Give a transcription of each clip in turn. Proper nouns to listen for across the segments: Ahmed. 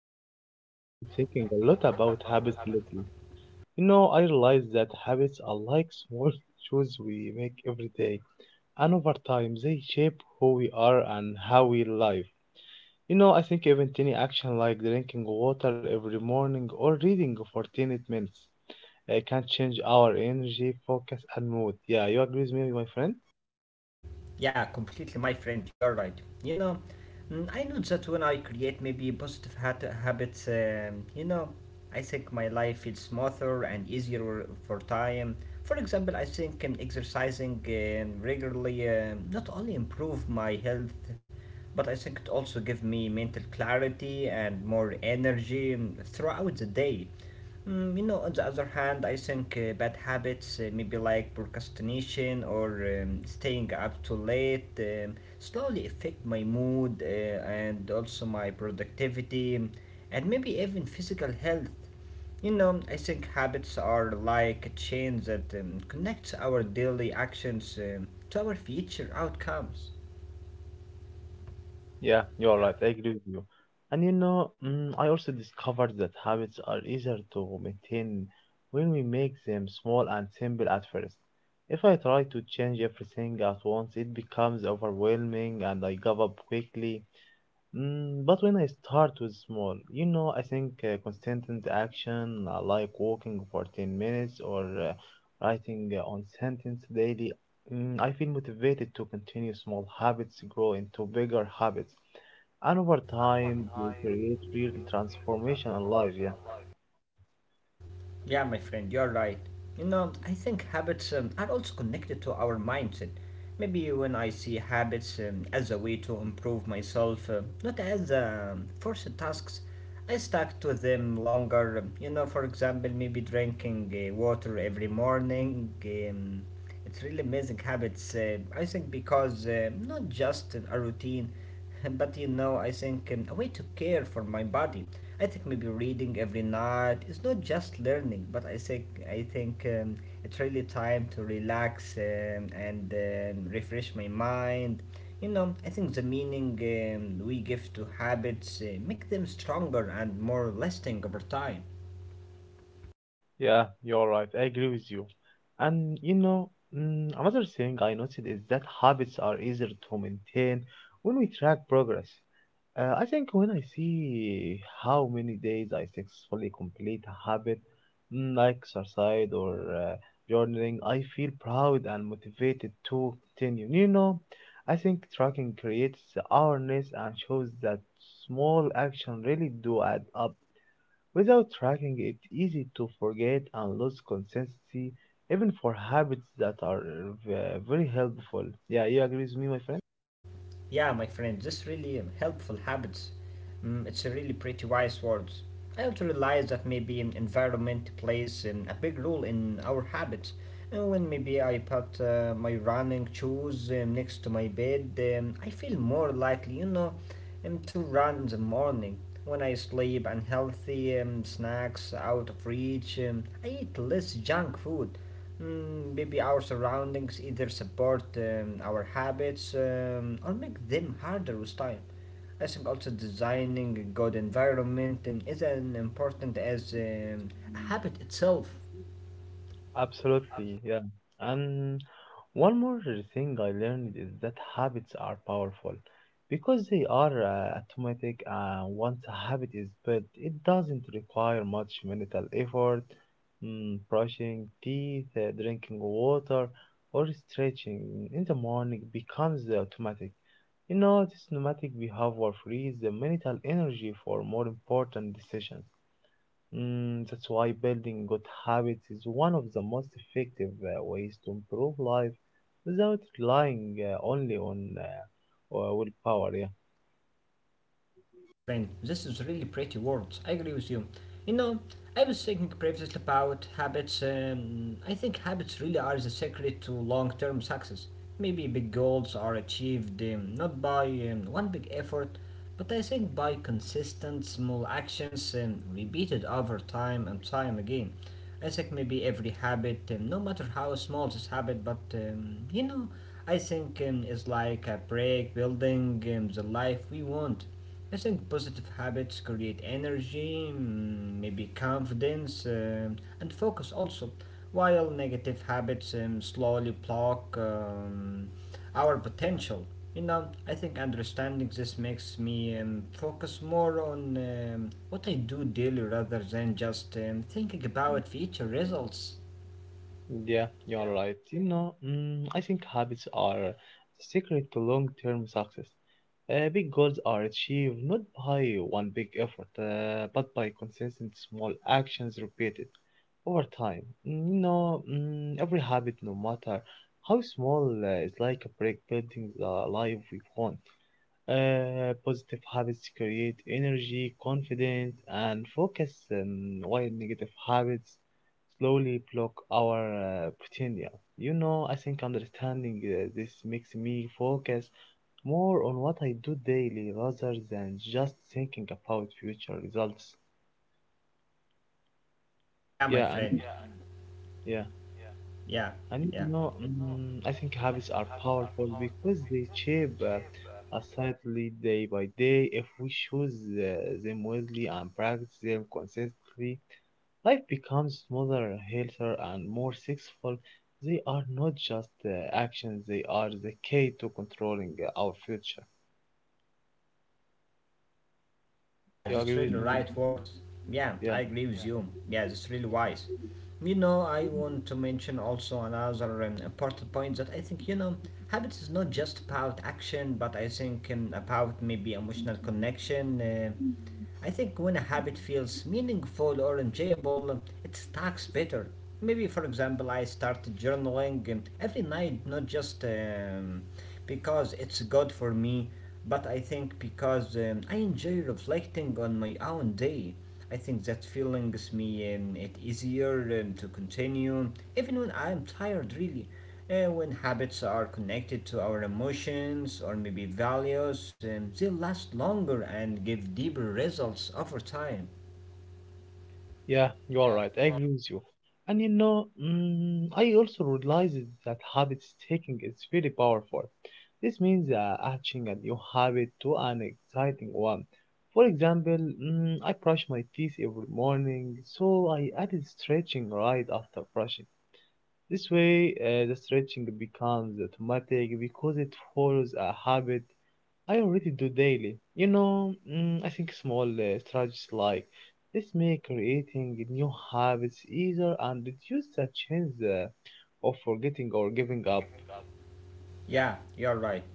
Ahmed, I have been thinking a lot about habits lately. You know, I realize that habits are like small choices we make every day, and over time they shape who we are and how we live. You know, I think even tiny action like drinking water every morning or reading for 10 minutes can change our energy, focus, and mood. Yeah, you agree with me, my friend? Yeah, completely, my friend, you're right. You know, I know that when I create maybe positive habits, you know, I think my life feels smoother and easier for time. For example, I think exercising regularly not only improve my health, but I think it also gives me mental clarity and more energy throughout the day. You know, on the other hand, I think bad habits, maybe like procrastination or staying up too late, slowly affect my mood and also my productivity and maybe even physical health. You know, I think habits are like a chain that connects our daily actions to our future outcomes. Yeah, you're right. I agree with you. And you know, I also discovered that habits are easier to maintain when we make them small and simple at first. If I try to change everything at once, it becomes overwhelming and I give up quickly. Mm, but when I start with small, you know, I think consistent action, like walking for 10 minutes or writing on sentence daily, I feel motivated to continue small habits grow into bigger habits. And over time, they create real transformation in life, yeah. Yeah, my friend, you're right. You know, I think habits are also connected to our mindset. Maybe when I see habits as a way to improve myself, not as forced tasks, I stuck to them longer. You know, for example, maybe drinking water every morning. It's really amazing habits, I think, because not just a routine but you know, I think a way to care for my body. I think maybe reading every night is not just learning, but I think it's really time to relax and refresh my mind. You know, I think the meaning we give to habits make them stronger and more lasting over time. Yeah, you're right. I agree with you. And you know, another thing I noticed is that habits are easier to maintain when we track progress. I think when I see how many days I successfully complete a habit like exercise or journaling, I feel proud and motivated to continue. You know, I think tracking creates awareness and shows that small action really do add up. Without tracking, it's easy to forget and lose consistency, even for habits that are very helpful. Yeah, you agree with me, my friend? Yeah, my friend, this really helpful habits. Mm, it's a really pretty wise words. I also realize that maybe environment plays a big role in our habits. And when maybe I put my running shoes next to my bed, I feel more likely, you know, to run in the morning. When I sleep unhealthy snacks out of reach, I eat less junk food. Mm, maybe our surroundings either support our habits or make them harder with time. I think also designing a good environment is as important as a habit itself. Absolutely, yeah. and. One more thing I learned is that habits are powerful because they are automatic. Once a habit is built, it doesn't require much mental effort. Brushing teeth, drinking water, or stretching in the morning becomes automatic. You know, this automatic behavior frees the mental energy for more important decisions. That's why building good habits is one of the most effective ways to improve life without relying only on willpower. Yeah. Yeah, my friend, this is really pretty words. I agree with you. You know, I was thinking previously about habits. I think habits really are the secret to long term success. Maybe big goals are achieved not by one big effort, but I think by consistent small actions repeated over time and time again. It's like maybe every habit, no matter how small this habit, but you know, I think it's like a break building the life we want. I think positive habits create energy, maybe confidence, and focus also, while negative habits slowly block. Our potential. You know, I think understanding this makes me focus more on what I do daily rather than just thinking about future results. Yeah, you're right. You know, I think habits are the secret to long term success. Big goals are achieved not by one big effort, but by consistent small actions repeated over time. You know, every habit, no matter how small, is like a brick building the life we want. Positive habits create energy, confidence, and focus, while negative habits slowly block our potential. You know, I think understanding this makes me focus more on what I do daily rather than just thinking about future results. Yeah, my Yeah, and friend. yeah. Yeah, And yeah. you know, I think habits are powerful because they shape us slightly day by day. If we choose them wisely and practice them consistently, life becomes smoother, healthier, and more successful. They are not just actions; they are the key to controlling our future. Yeah, You agree that's with really me? right, words. Yeah, Yeah. I agree with you. Yeah, that's really wise. You know, I want to mention also another important point that I think, you know, habits is not just about action, but I think about maybe emotional connection. I think when a habit feels meaningful or enjoyable, it stacks better. Maybe, for example, I started journaling every night, not just because it's good for me, but I think because I enjoy reflecting on my own day. I think that feeling gives me it easier to continue, even when I am tired, really. And when habits are connected to our emotions or maybe values, they last longer and give deeper results over time. Yeah, you are right. I agree with you. And you know, I also realized that habit taking is very powerful. This means attaching a new habit to an exciting one. For example, I brush my teeth every morning, so I added stretching right after brushing. This way, the stretching becomes automatic because it follows a habit I already do daily. You know, I think small strategies like this make creating new habits easier and reduce the chance of forgetting or giving up. Yeah, you're right.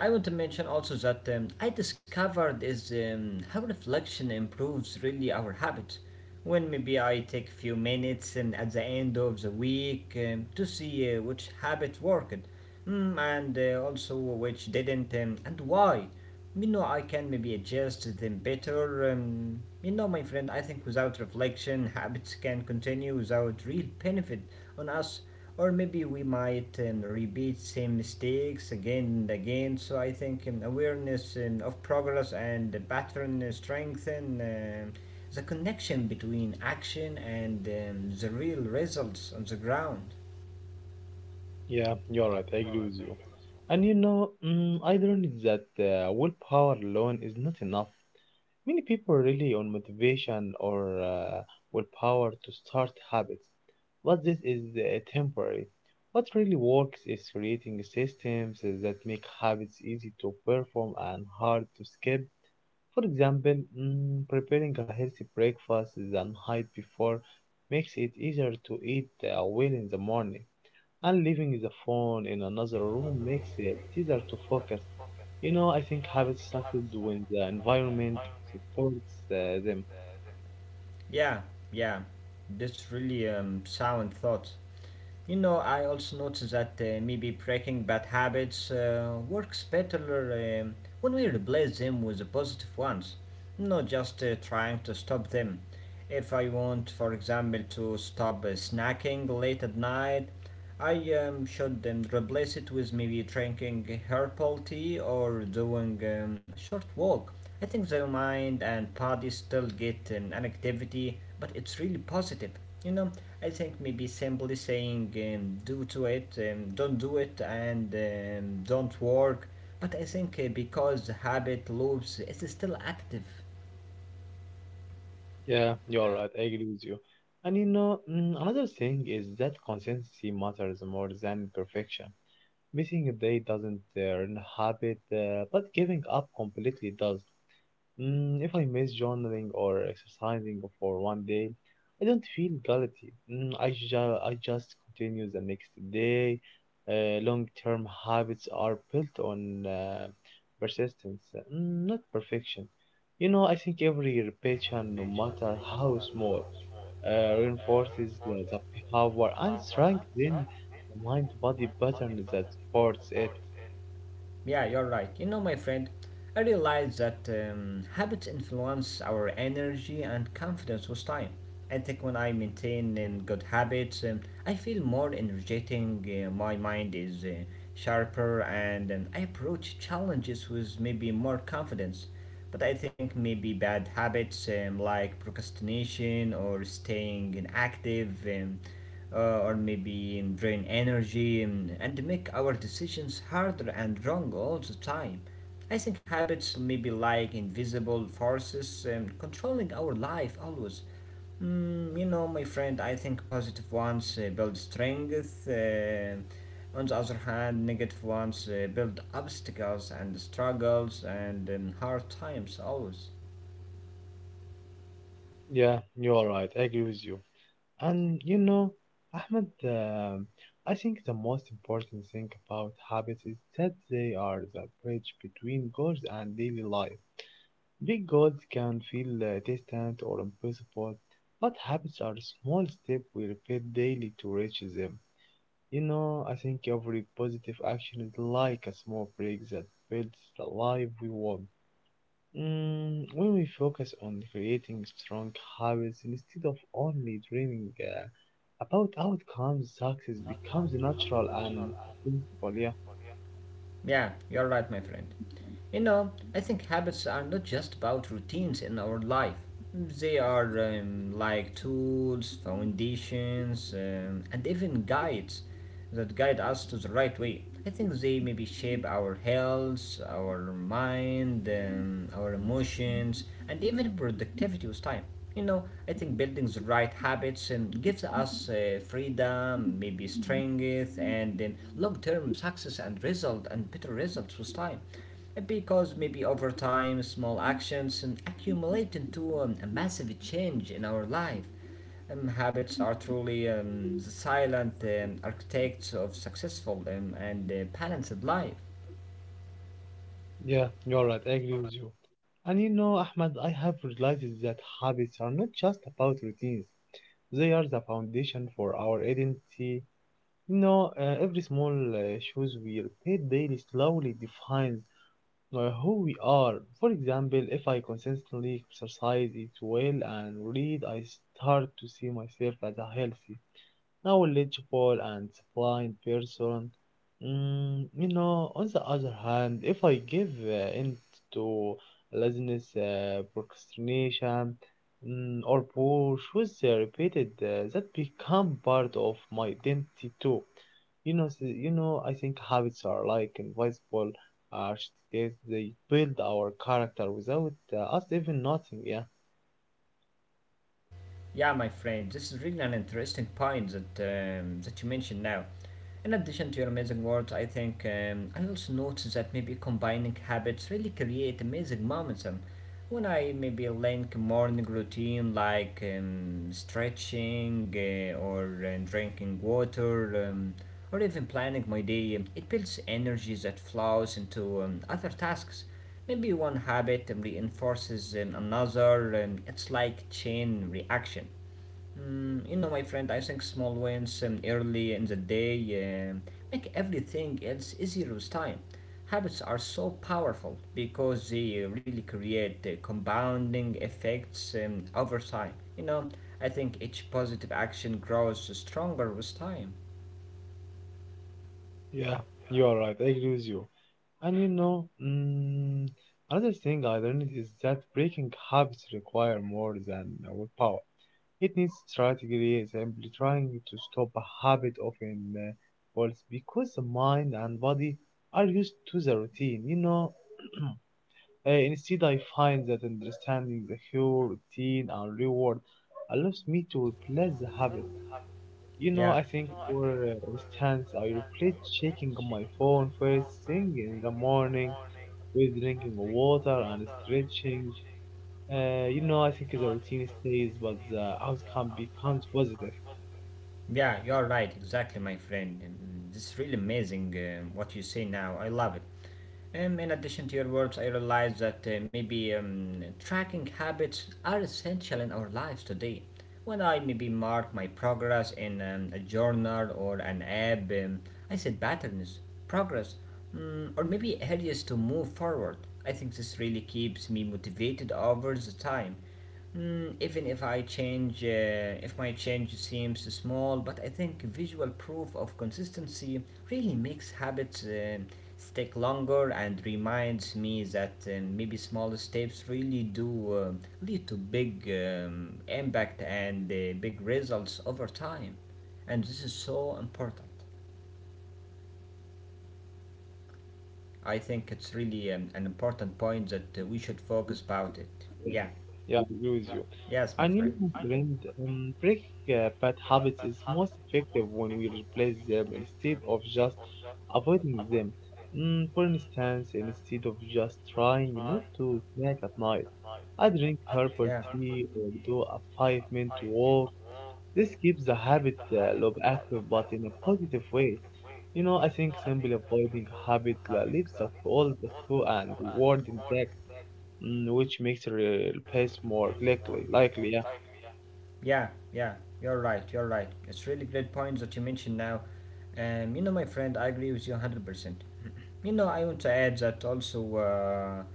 I want to mention also that I discovered is how reflection improves really our habits. When maybe I take a few minutes at the end of the week to see which habit worked and also which didn't and why. You know, I can maybe adjust them better. You know, my friend, I think without reflection, habits can continue without real benefit on us. Or maybe we might repeat same mistakes again and again. So I think awareness of progress and the pattern strengthen the connection between action and the real results on the ground. Yeah, you're right. I agree with you. And you know, I learned that willpower alone is not enough. Many people rely on motivation or willpower to start habits, but this is temporary. What really works is creating systems that make habits easy to perform and hard to skip. For example, preparing a healthy breakfast the night before makes it easier to eat well in the morning and leaving the phone in another room makes it easier to focus. You know, I think habits started when the environment supports them. Yeah, yeah, that's really sound thought. You know, I also noticed that maybe breaking bad habits works better when we replace them with the positive ones, not just trying to stop them. If I want, for example, to stop snacking late at night, I should replace it with maybe drinking herbal tea or doing a short walk. I think their mind and body still get an, activity, but it's really positive. You know, I think maybe simply saying do to it, don't do it, and don't work. But I think because habit loops is still active. Yeah, you're right. I agree with you. And you know, another thing is that consistency matters more than perfection. Missing a day doesn't ruin a habit, but giving up completely does. Mm, if I miss journaling or exercising for one day, I don't feel guilty. I just continue the next day. Long term habits are built on persistence, not perfection. You know, I think every repetition, no matter how small, reinforces the power and strengthens the mind body pattern that supports it. Yeah, you're right. You know, my friend, I realized that habits influence our energy and confidence with time. I think when I maintain good habits, I feel more energetic, my mind is sharper, and I approach challenges with maybe more confidence. But I think maybe bad habits like procrastination or staying inactive. Or maybe drain energy and make our decisions harder and wrong all the time. I think habits may be like invisible forces controlling our life always. You know, my friend, I think positive ones build strength. On the other hand, negative ones build obstacles and struggles and hard times always. Yeah, you are right. I agree with you. And you know, Ahmed, I think the most important thing about habits is that they are the bridge between goals and daily life. Big goals can feel distant or impossible, but habits are small steps we repeat daily to reach them. You know, I think every positive action is like a small break that builds the life we want. When we focus on creating strong habits instead of only dreaming about outcomes, success becomes natural and simple. Yeah. Yeah, you're right, my friend. You know, I think habits are not just about routines in our life. They are like tools, foundations, and even guides that guide us to the right way. I think they maybe shape our health, our mind, our emotions, and even productivity with time. You know, I think building the right habits and gives us freedom, maybe strength, and then long term success and result and better results with time because maybe over time small actions and accumulate into a massive change in our life habits are truly the silent architects of successful and balanced life. Yeah, you're right. I agree with you. And you know, Ahmad, I have realized that habits are not just about routines. They are the foundation for our identity. You know, every small choice we repeat daily slowly defines who we are. For example, if I consistently exercise, eat well, and read, I start to see myself as a healthy, knowledgeable and blind person. Mm, you know, on the other hand, if I give in to laziness, procrastination, or push with the repeated, that become part of my identity too. You know, I think habits are like invisible uh, they build our character without us even noticing. Yeah. Yeah, my friend, this is really an interesting point that that you mentioned now. In addition to your amazing words, I think I also noticed that maybe combining habits really create amazing moments. When I maybe link morning routine like stretching or drinking water or even planning my day, it builds energy that flows into other tasks. Maybe one habit reinforces another. It's like chain reaction. You know, my friend, I think small wins early in the day um make everything else easier with time. Habits are so powerful because they really create compounding effects over time. You know, I think each positive action grows stronger with time. Yeah, you are right. I agree with you. And you know, another thing I learned is that breaking habits require more than willpower. It needs strategy. Simply trying to stop a habit often fails because the mind and body are used to the routine. You know, instead I find that understanding the whole routine and reward allows me to replace the habit. You know, Yeah, I think for instance, I replace checking my phone first thing in the morning with drinking water and stretching. You know, I think the routine stays, but the outcome becomes positive. yeah, you're right, exactly, my friend. This is really amazing what you say now. I love it. In addition to your words, I realize that maybe tracking habits are essential in our lives today. When I maybe mark my progress in a journal or an app, I set patterns, progress, or maybe areas to move forward. I think this really keeps me motivated over the time. Even if I change, if my change seems small, but I think visual proof of consistency really makes habits stick longer and reminds me that maybe small steps really do lead to big impact and big results over time. And this is so important. I think it's really an important point that we should focus about it. Yeah, Yeah. yeah, I agree with you. Yes, my And friend. you know, my friend, breaking bad habits is most effective when we replace them instead of just avoiding them. Mm, for instance, instead of just trying not to snack at night, I drink herbal Yeah. tea or do a five-minute walk. This keeps the habit loop active, but in a positive way. You know, I think simply avoiding a habit leaves us all the clue and reward intact. Which makes repairs more likely, yeah. Yeah, yeah, you're right. It's really great points that you mentioned now. You know, my friend, I agree with you 100%. You know, I want to add that also uh,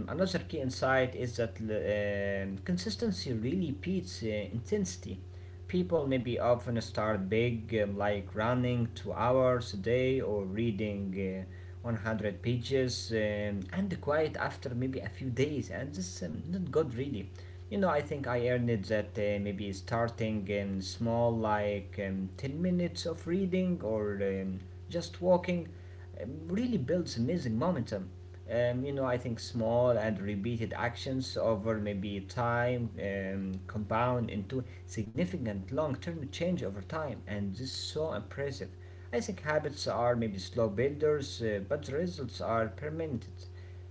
um, another key insight is that consistency really beats intensity. People maybe often start big, like running 2 hours a day or reading 100 pages, and quite after maybe a few days, and this not good really. You know, I think I earned it that maybe starting in small, like 10 minutes of reading or just walking, really builds amazing momentum. You know, I think small and repeated actions over maybe time compound into significant long term change over time, and this is so impressive. I think habits are maybe slow builders, but the results are permanent.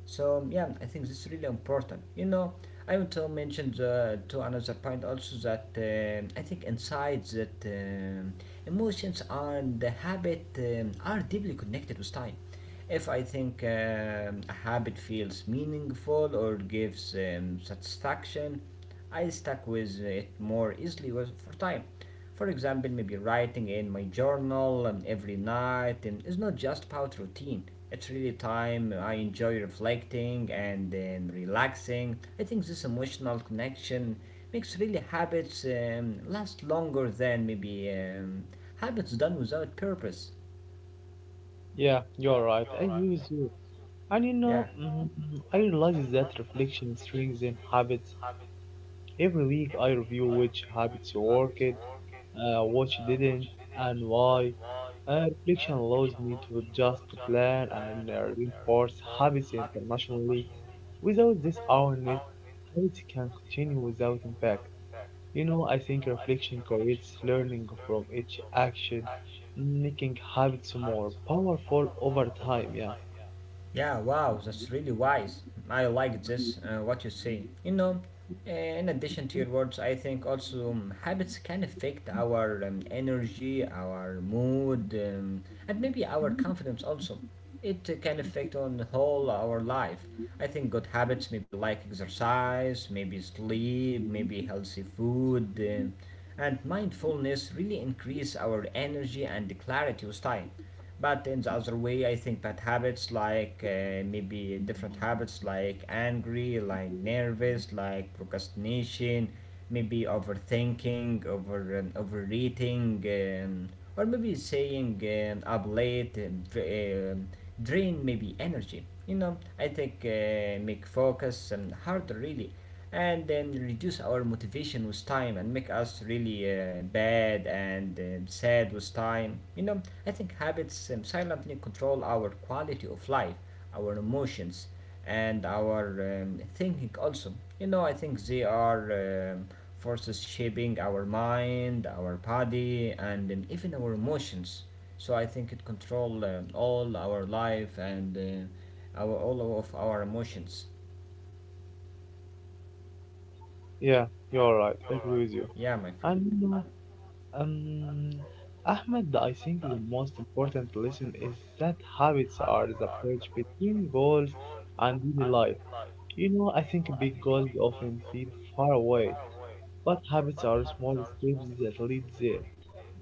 So, yeah, I think this is really important. You know, I want to mention to another point also that I think insights that emotions and the habit are deeply connected with time. If I think a habit feels meaningful or gives satisfaction, I stuck with it more easily for time. For example, maybe writing in my journal and every night, and it's not just about routine. It's really time I enjoy reflecting and then relaxing. I think this emotional connection makes really habits last longer than maybe habits done without purpose. Yeah, you're right. I use you. And you know, Yeah. I realize that reflection strengthens habits. Every week I review which habits worked, which didn't, and why. Reflection allows me to adjust the plan and reinforce habits internationally. Without this awareness, habits can continue without impact. You know, I think reflection creates learning from each action, making habits more powerful over time. Yeah, Yeah, wow, that's really wise. I like this, what you say. You know, in addition to your words, I think also habits can affect our energy, our mood, and maybe our confidence also. It can affect on whole our life. I think good habits, maybe like exercise, maybe sleep, maybe healthy food, and mindfulness really increase our energy and clarity with time. But in the other way, I think that habits like maybe different habits like angry, like nervous, like procrastination, maybe overthinking, overeating, or maybe saying up late, drain maybe energy. You know, I think make focus harder really and then reduce our motivation with time and make us really bad and sad with time. You know, I think habits silently control our quality of life, our emotions, and our thinking also. You know, I think they are forces shaping our mind, our body, and even our emotions. So I think it control all our life and our all of our emotions. yeah, you're right. I agree with you. Yeah, my friend. And you know, um, Ahmed, I think the most important lesson is that habits are the bridge between goals and daily life. You know, I think big goals often feel far away, but habits are small steps that lead there.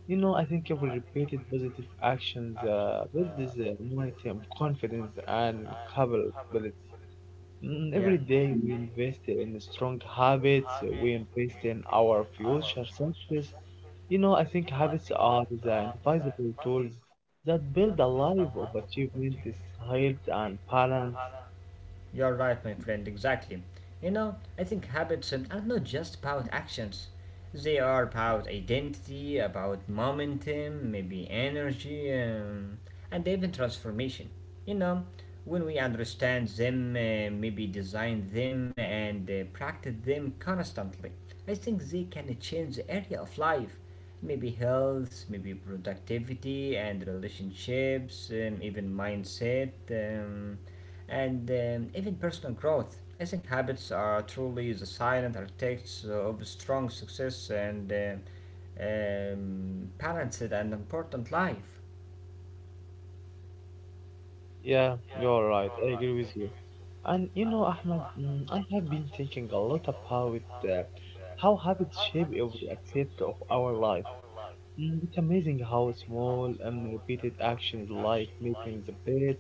You know, I think every repeated positive actions builds momentum, confidence, and capability. Every Yeah. day we invest in strong habits, we invest in our future success. You know, I think habits are the invisible tools that build a life of achievement, health, and balance. You're right, my friend, exactly. You know, I think habits are not just about actions. They are about identity, about momentum, maybe energy, and even transformation. You know, when we understand them, maybe design them, and practice them constantly, I think they can change the area of life. Maybe health, maybe productivity and relationships, even mindset. And even personal growth. I think habits are truly the silent architects of strong success and balanced and important life. Yeah, you're right. I agree with you. And you know, Ahmed, I have been thinking a lot about uh, how habits shape every aspect of our life. It's amazing how small and repeated actions like making the bed,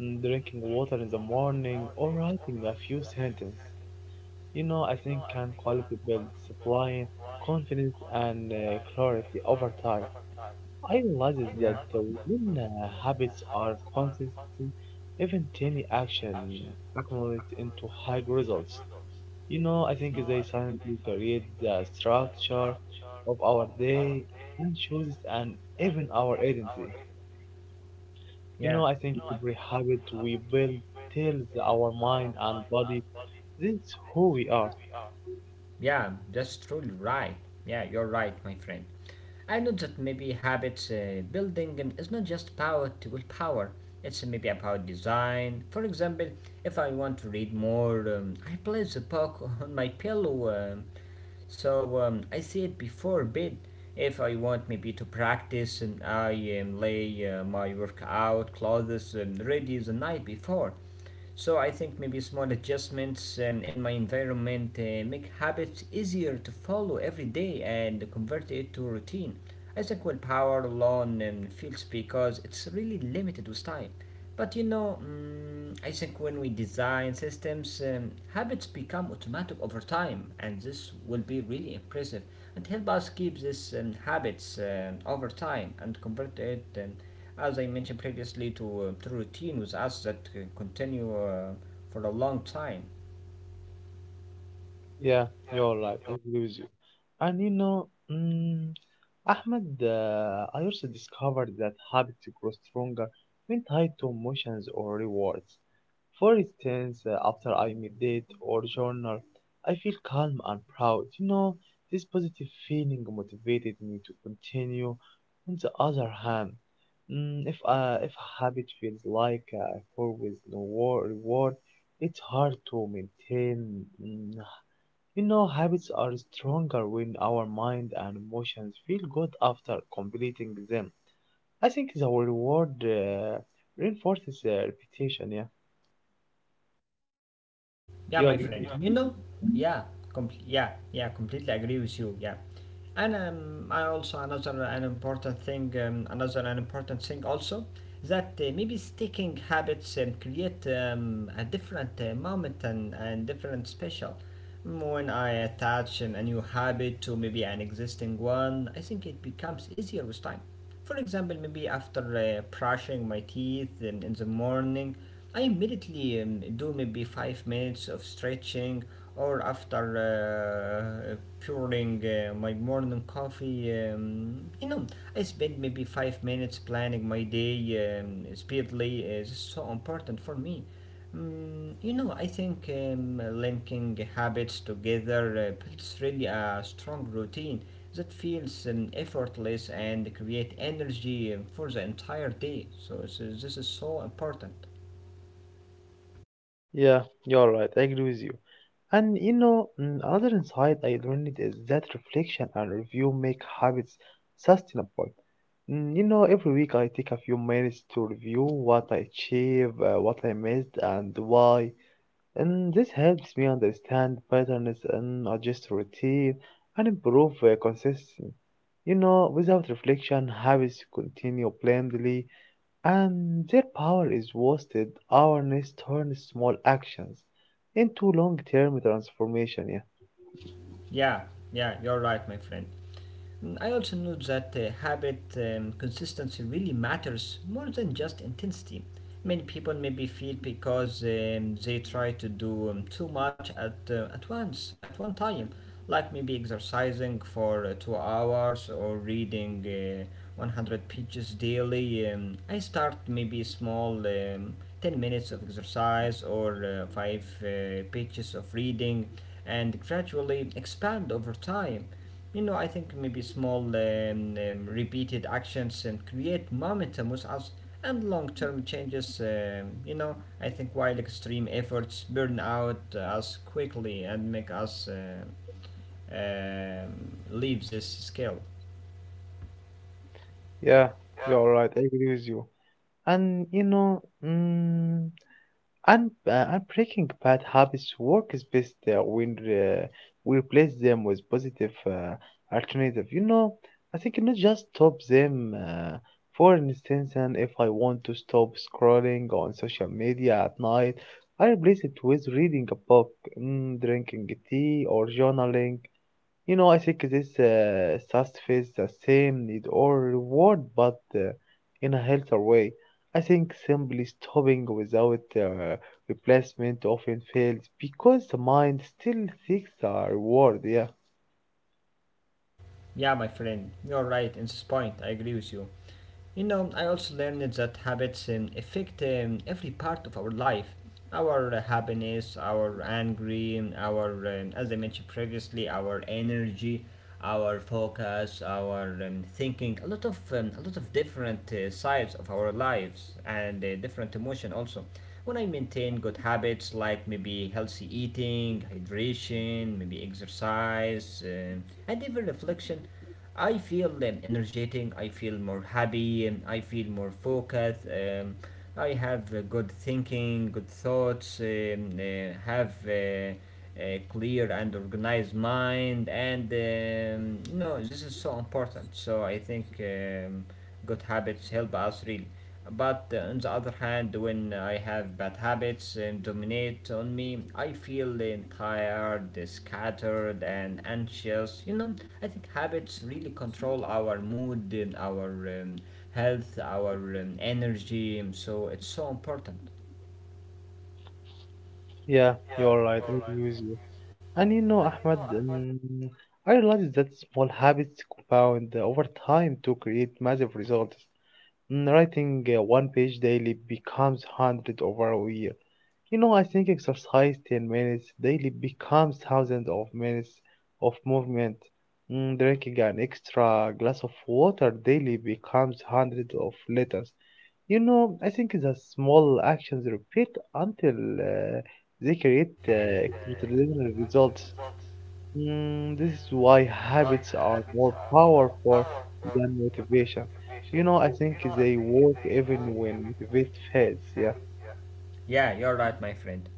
drinking water in the morning, or writing a few sentences, you know, I think can quality build supply, confidence, and clarity over time. I realized that when habits are consistent, even tiny action accumulates into high results. You know, I think they silently create the structure of our day and chooses and even our identity. You know, Yeah, I think every habit we build tells our mind and body this is who we are. yeah, that's truly right. Yeah, you're right, my friend. I know that maybe habits building is not just power about willpower. It's maybe about design. For example, if I want to read more, I place a book on my pillow, so I see it before bed. If I want maybe to practice, I lay my workout clothes ready the night before. So I think maybe small adjustments in my environment make habits easier to follow every day and convert it to routine. I think willpower alone fails because it's really limited with time. But you know, I think when we design systems, habits become automatic over time, and this will be really impressive and help us keep these habits over time and convert it. As I mentioned previously, to routine with us that continue for a long time. Yeah, you're right. I agree with you. And you know, Ahmed, I also discovered that habits grow stronger when tied to emotions or rewards. For instance, after I meditate or journal, I feel calm and proud. You know, this positive feeling motivated me to continue. On the other hand, if a habit feels like a effort with no reward, it's hard to maintain. Habits are stronger when our mind and emotions feel good after completing them. I think the reward reinforces repetition. Yeah, Yeah, you my agree friend. with You me? know, yeah, completely agree with you. Yeah, and I also another an important thing also that maybe sticking habits create a different moment and different special. Mm, when I attach a new habit to maybe an existing one, I think it becomes easier with time. For example, maybe after brushing my teeth in the morning, I immediately do maybe five minutes of stretching, or after pouring my morning coffee, you know, I spend maybe five minutes planning my day speedily. This is so important for me. Mm, you know, I think linking habits together builds really a strong routine that feels effortless and create energy for the entire day. So this is so important. Yeah, you're right. I agree with you. And you know, another insight I learned is that reflection and review make habits sustainable. You know, every week I take a few minutes to review what I achieved, what I missed, and why, and this helps me understand patterns and adjust routine and improve consistency. You know, without reflection, habits continue blindly and their power is wasted. Awareness turns small actions into long term transformation. Yeah, Yeah, yeah, you're right, my friend. I also know that habit consistency really matters more than just intensity. Many people maybe feel because they try to do too much at once, at one time, like maybe exercising for two hours or reading 100 pages daily. I start maybe small, 10 minutes of exercise or five pages of reading, and gradually expand over time. You know, I think maybe small, repeated actions and create momentum with us and long term changes. You know, I think while extreme efforts burn out us quickly and make us leave this scale. yeah, you're right, I agree with you. And you know, and breaking bad habits work is best when we replace them with positive alternative. You know, I think not just stop them. For instance, and if I want to stop scrolling on social media at night, I replace it with reading a book, drinking tea, or journaling. You know, I think this SaaS face the same need or reward, but in a healthier way. I think simply stopping without replacement often fails because the mind still seeks a reward. Yeah, Yeah, my friend, you're right in this point. I agree with you. You know, I also learned that habits affect every part of our life, our happiness, our angry, our, as I mentioned previously, our energy, our focus, our thinking, a lot of different sides of our lives and different emotion also. When I maintain good habits like maybe healthy eating, hydration, maybe exercise, and even reflection, I feel energetic, I feel more happy, I feel more focused. I have good thinking, good thoughts, have a clear and organized mind, and you know, this is so important. So I think good habits help us really, but on the other hand, when I have bad habits and dominate on me, I feel tired, scattered, and anxious. You know, I think habits really control our mood and our um, health, our energy, so it's so important. yeah, you're right. I agree with you. And you know, Ahmed, I realized that small habits compound over time to create massive results. Writing one page daily becomes 100 over a year. You know, I think exercise 10 minutes daily becomes thousands of minutes of movement. Drinking an extra glass of water daily becomes hundreds of liters. You know, I think the small actions repeat until uh, they create extraordinary results. This is why habits are more powerful than motivation. You know, I think they work even when motivation fades. Yeah, Yeah, you're right, my friend.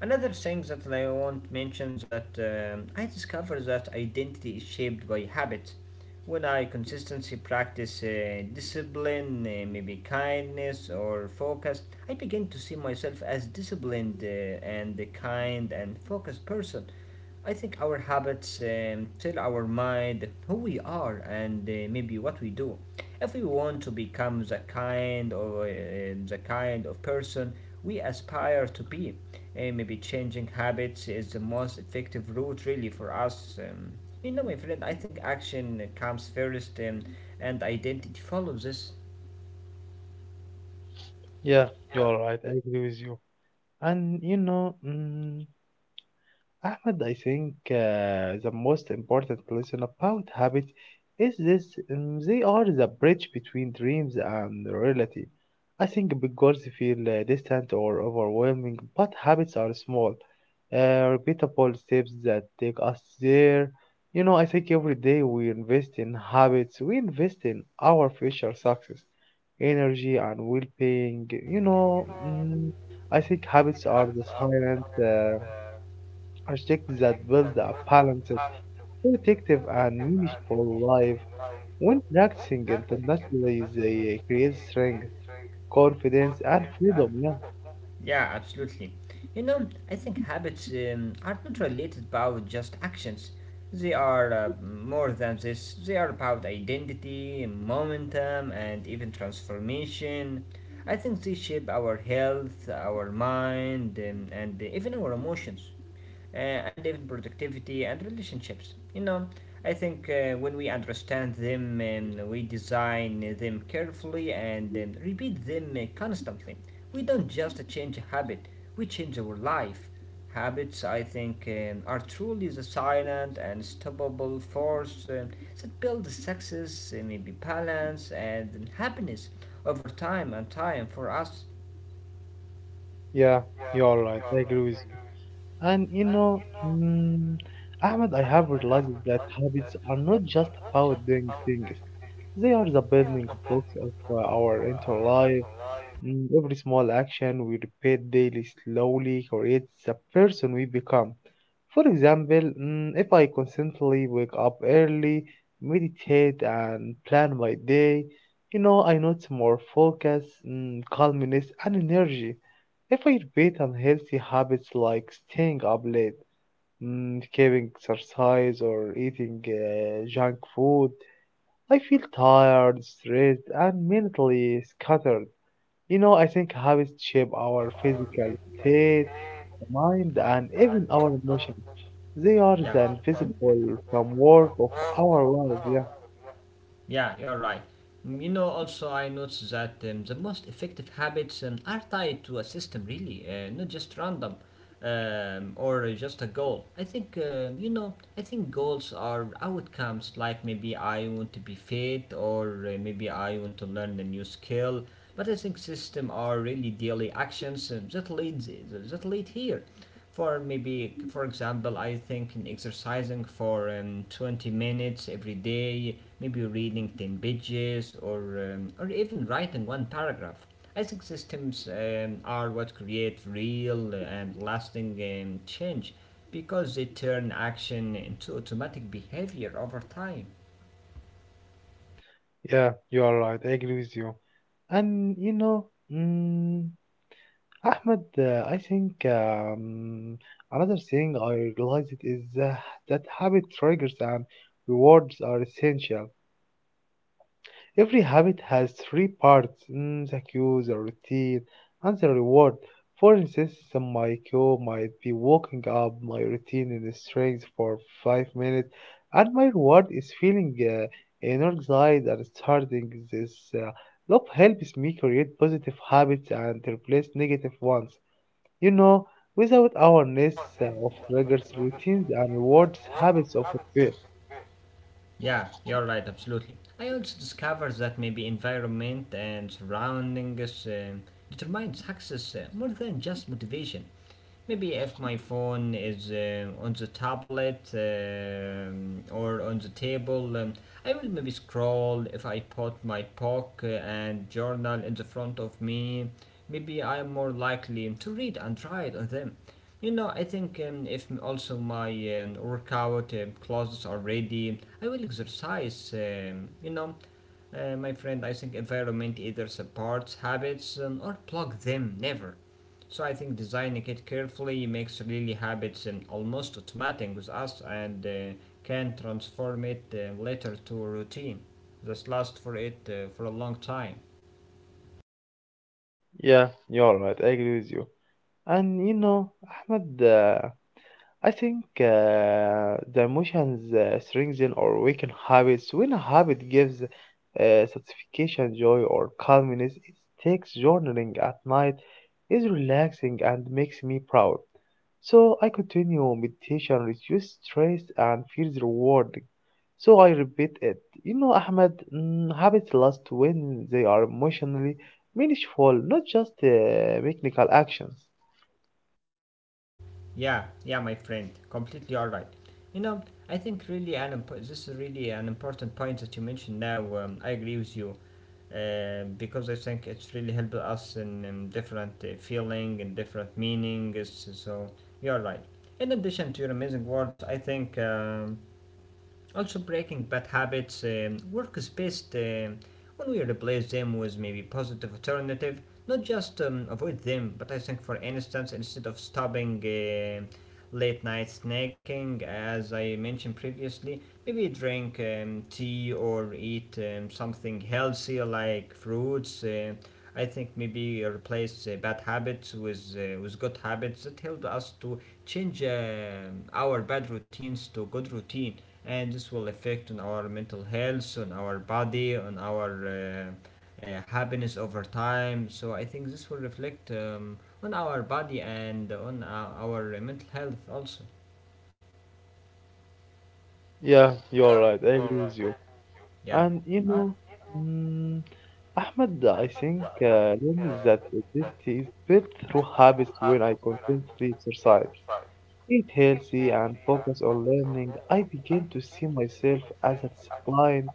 Another thing that I want mention, that I discovered that identity is shaped by habits. When I consistently practice discipline, maybe kindness or focus, I begin to see myself as disciplined and a kind and focused person. I think our habits tell our mind who we are and maybe what we do. If we want to become the kind of person we aspire to be, maybe changing habits is the most effective route really for us. You know, my friend, I think action comes first, and identity follows this. yeah, you are right. I agree with you. And you know. Ahmed, I think the most important lesson about habits is this: they are the bridge between dreams and reality. I think big goals feel distant or overwhelming, but habits are small, repeatable steps that take us there. You know, I think every day we invest in habits, we invest in our future success, energy, and well being. You know, I think habits are the silent. Projects that build a balanced, protective, and meaningful life. When practicing internationally, they create strength, confidence, and freedom. Yeah, Yeah, absolutely. You know, I think habits are not related about just actions. They are more than this. They are about identity, momentum, and even transformation. I think they shape our health, our mind, and even our emotions and even productivity and relationships. You know, I think when we understand them, we design them carefully and repeat them constantly. We don't just change a habit, we change our life. Habits, I think, are truly the silent and stoppable force that builds success, maybe balance, and happiness over time and time for us. yeah, you're right. I agree with you. And you know, Ahmed, I have realized that habits are not just about doing things. They are the building blocks of our entire life. Every small action we repeat daily slowly creates the person we become. For example, if I constantly wake up early, meditate, and plan my day, you know, I notice more focus, calmness, and energy. If I repeat unhealthy habits like staying up late, caving exercise, or eating junk food, I feel tired, stressed, and mentally scattered. You know, I think habits shape our physical state, mind, and even our emotions. They are the invisible framework of our life. Yeah, Yeah, you're right. Mm, you know, also I noticed that the most effective habits are tied to a system, really, not just random or just a goal. I think, you know, I think goals are outcomes, like maybe I want to be fit or maybe I want to learn a new skill. But I think system are really daily actions that lead here. For maybe, for example, I think in exercising for 20 minutes every day, maybe reading 10 pages, or or even writing one paragraph. I think systems are what create real and lasting change because they turn action into automatic behavior over time. yeah, you are right. I agree with you. And you know, mm, Ahmed, I think another thing I realized is that habit triggers and rewards are essential. Every habit has three parts the cue, the routine, and the reward. For instance, the my cue might be walking up my routine in the strings for 5 minutes, and my reward is feeling energized and starting this uh, loop helps me create positive habits and replace negative ones. You know, without awareness of triggers, routines, and rewards, habits of a fail. Yeah, you're right, absolutely. I also discovered that maybe environment and surroundings determine success more than just motivation. Maybe if my phone is on the tablet or on the table, I will maybe scroll. If I put my book and journal in the front of me, maybe I'm more likely to read and write on them. You know, I think if also my workout clothes are ready, I will exercise. My friend, I think environment either supports habits or plug them never. So I think designing it carefully makes really habits almost automatic with us, and can transform it later to a routine. This lasts for it for a long time. Yeah, you're right. I agree with you. And you know, Ahmed, I think the emotions strengthen or weaken habits. When a habit gives satisfaction, joy, or calmness, it takes journaling at night is relaxing and makes me proud. So I continue meditation, reduce stress, and feels rewarding. So I repeat it. You know, Ahmed, habits last when they are emotionally meaningful, not just mechanical actions. Yeah, yeah, my friend, completely all right. You know, I think really an this is really an important point that you mentioned now. I agree with you because I think it's really helped us in different feeling and different meanings. So you're right. In addition to your amazing words, I think. Also, breaking bad habits work is best when we replace them with maybe positive alternative. Not just avoid them, but I think, for instance, instead of stopping late night snacking, as I mentioned previously, maybe drink tea or eat something healthy like fruits. I think maybe replace bad habits with good habits that help us to change our bad routines to good routine, and this will affect on our mental health, on our body, on our happiness over time. So I think this will reflect on our body and on our mental health also. Yeah, you're right. I agree with you. Yeah, And you know, mm, Ahmed, I think learns that identity is built through habits. When I consistently exercise, eat healthy, and focus on learning, I begin to see myself as a disciplined,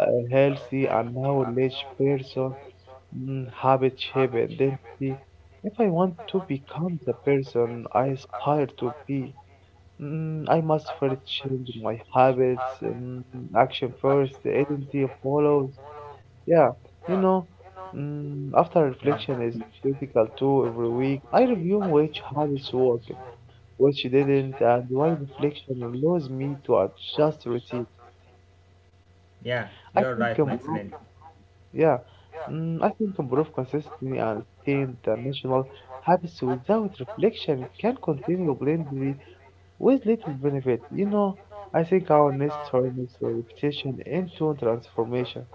uh, healthy, and knowledge person. Habit shape identity. If I want to become the person I aspire to be, I must first change my habits. Action first, identity follows. Yeah, you know, after yeah, reflection is critical too. Every week, I review which habits worked, which didn't, and why reflection allows me to adjust routine. yeah, I you're think right, my improve. friend. Yeah, I think improve consistently and stay international habits without reflection can continue blindly with little benefit. You know, I think our next turn is reputation into transformation.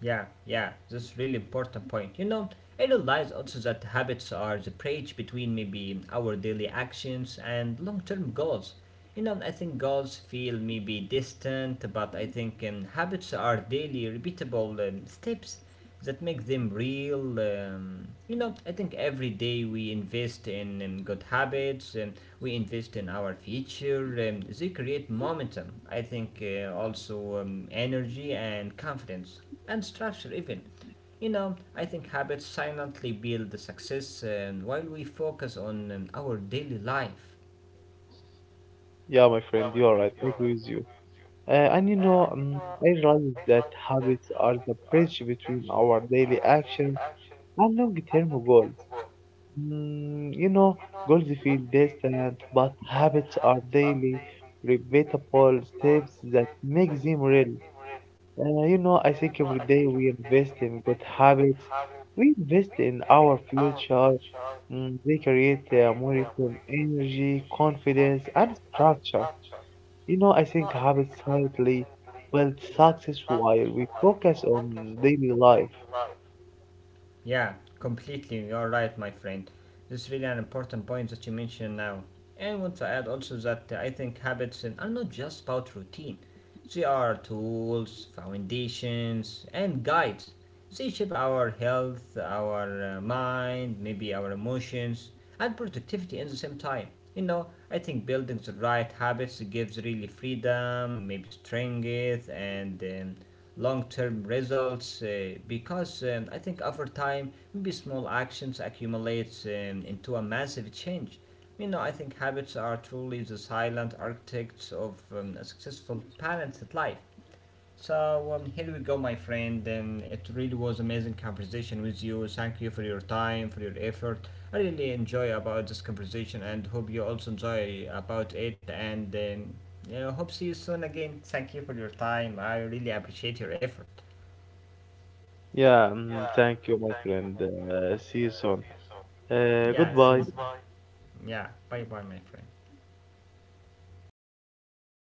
Yeah, yeah, this really important point. You know, I realize also that habits are the bridge between maybe our daily actions and long-term goals. You know, I think goals feel maybe distant, but I think habits are daily repeatable steps that make them real. You know, I think every day we invest in good habits, we invest in our future, they create momentum. I think also energy and confidence and structure, even. You know, I think habits silently build the success while we focus on our daily life. Yeah, my friend, you are right. I agree with you. And you know, I realized that habits are the bridge between our daily actions and long-term goals. You know, goals feel distant, but habits are daily, repeatable steps that make them real. You know, I think every day we invest in good habits, we invest in our future. They create more return energy, confidence, and structure. You know, I think habits slightly build success while we focus on daily life. Yeah, completely. You're right, my friend. This is really an important point that you mentioned now. And I want to add also that I think habits are not just about routine, they are tools, foundations, and guides. They shape our health, our mind, maybe our emotions, and productivity at the same time. You know, I think building the right habits gives really freedom, maybe strength, and long term results because I think over time, maybe small actions accumulates into a massive change. You know, I think habits are truly the silent architects of a successful, balanced life. So here we go, my friend, and it really was amazing conversation with you. Thank you for your time, for your effort. I really enjoy about this conversation, and hope you also enjoy about it. And yeah, hope see you soon again. Thank you for your time. I really appreciate your effort. Yeah, thank you, my friend. See you soon. Yes. Goodbye. Yeah. Bye, bye, my friend.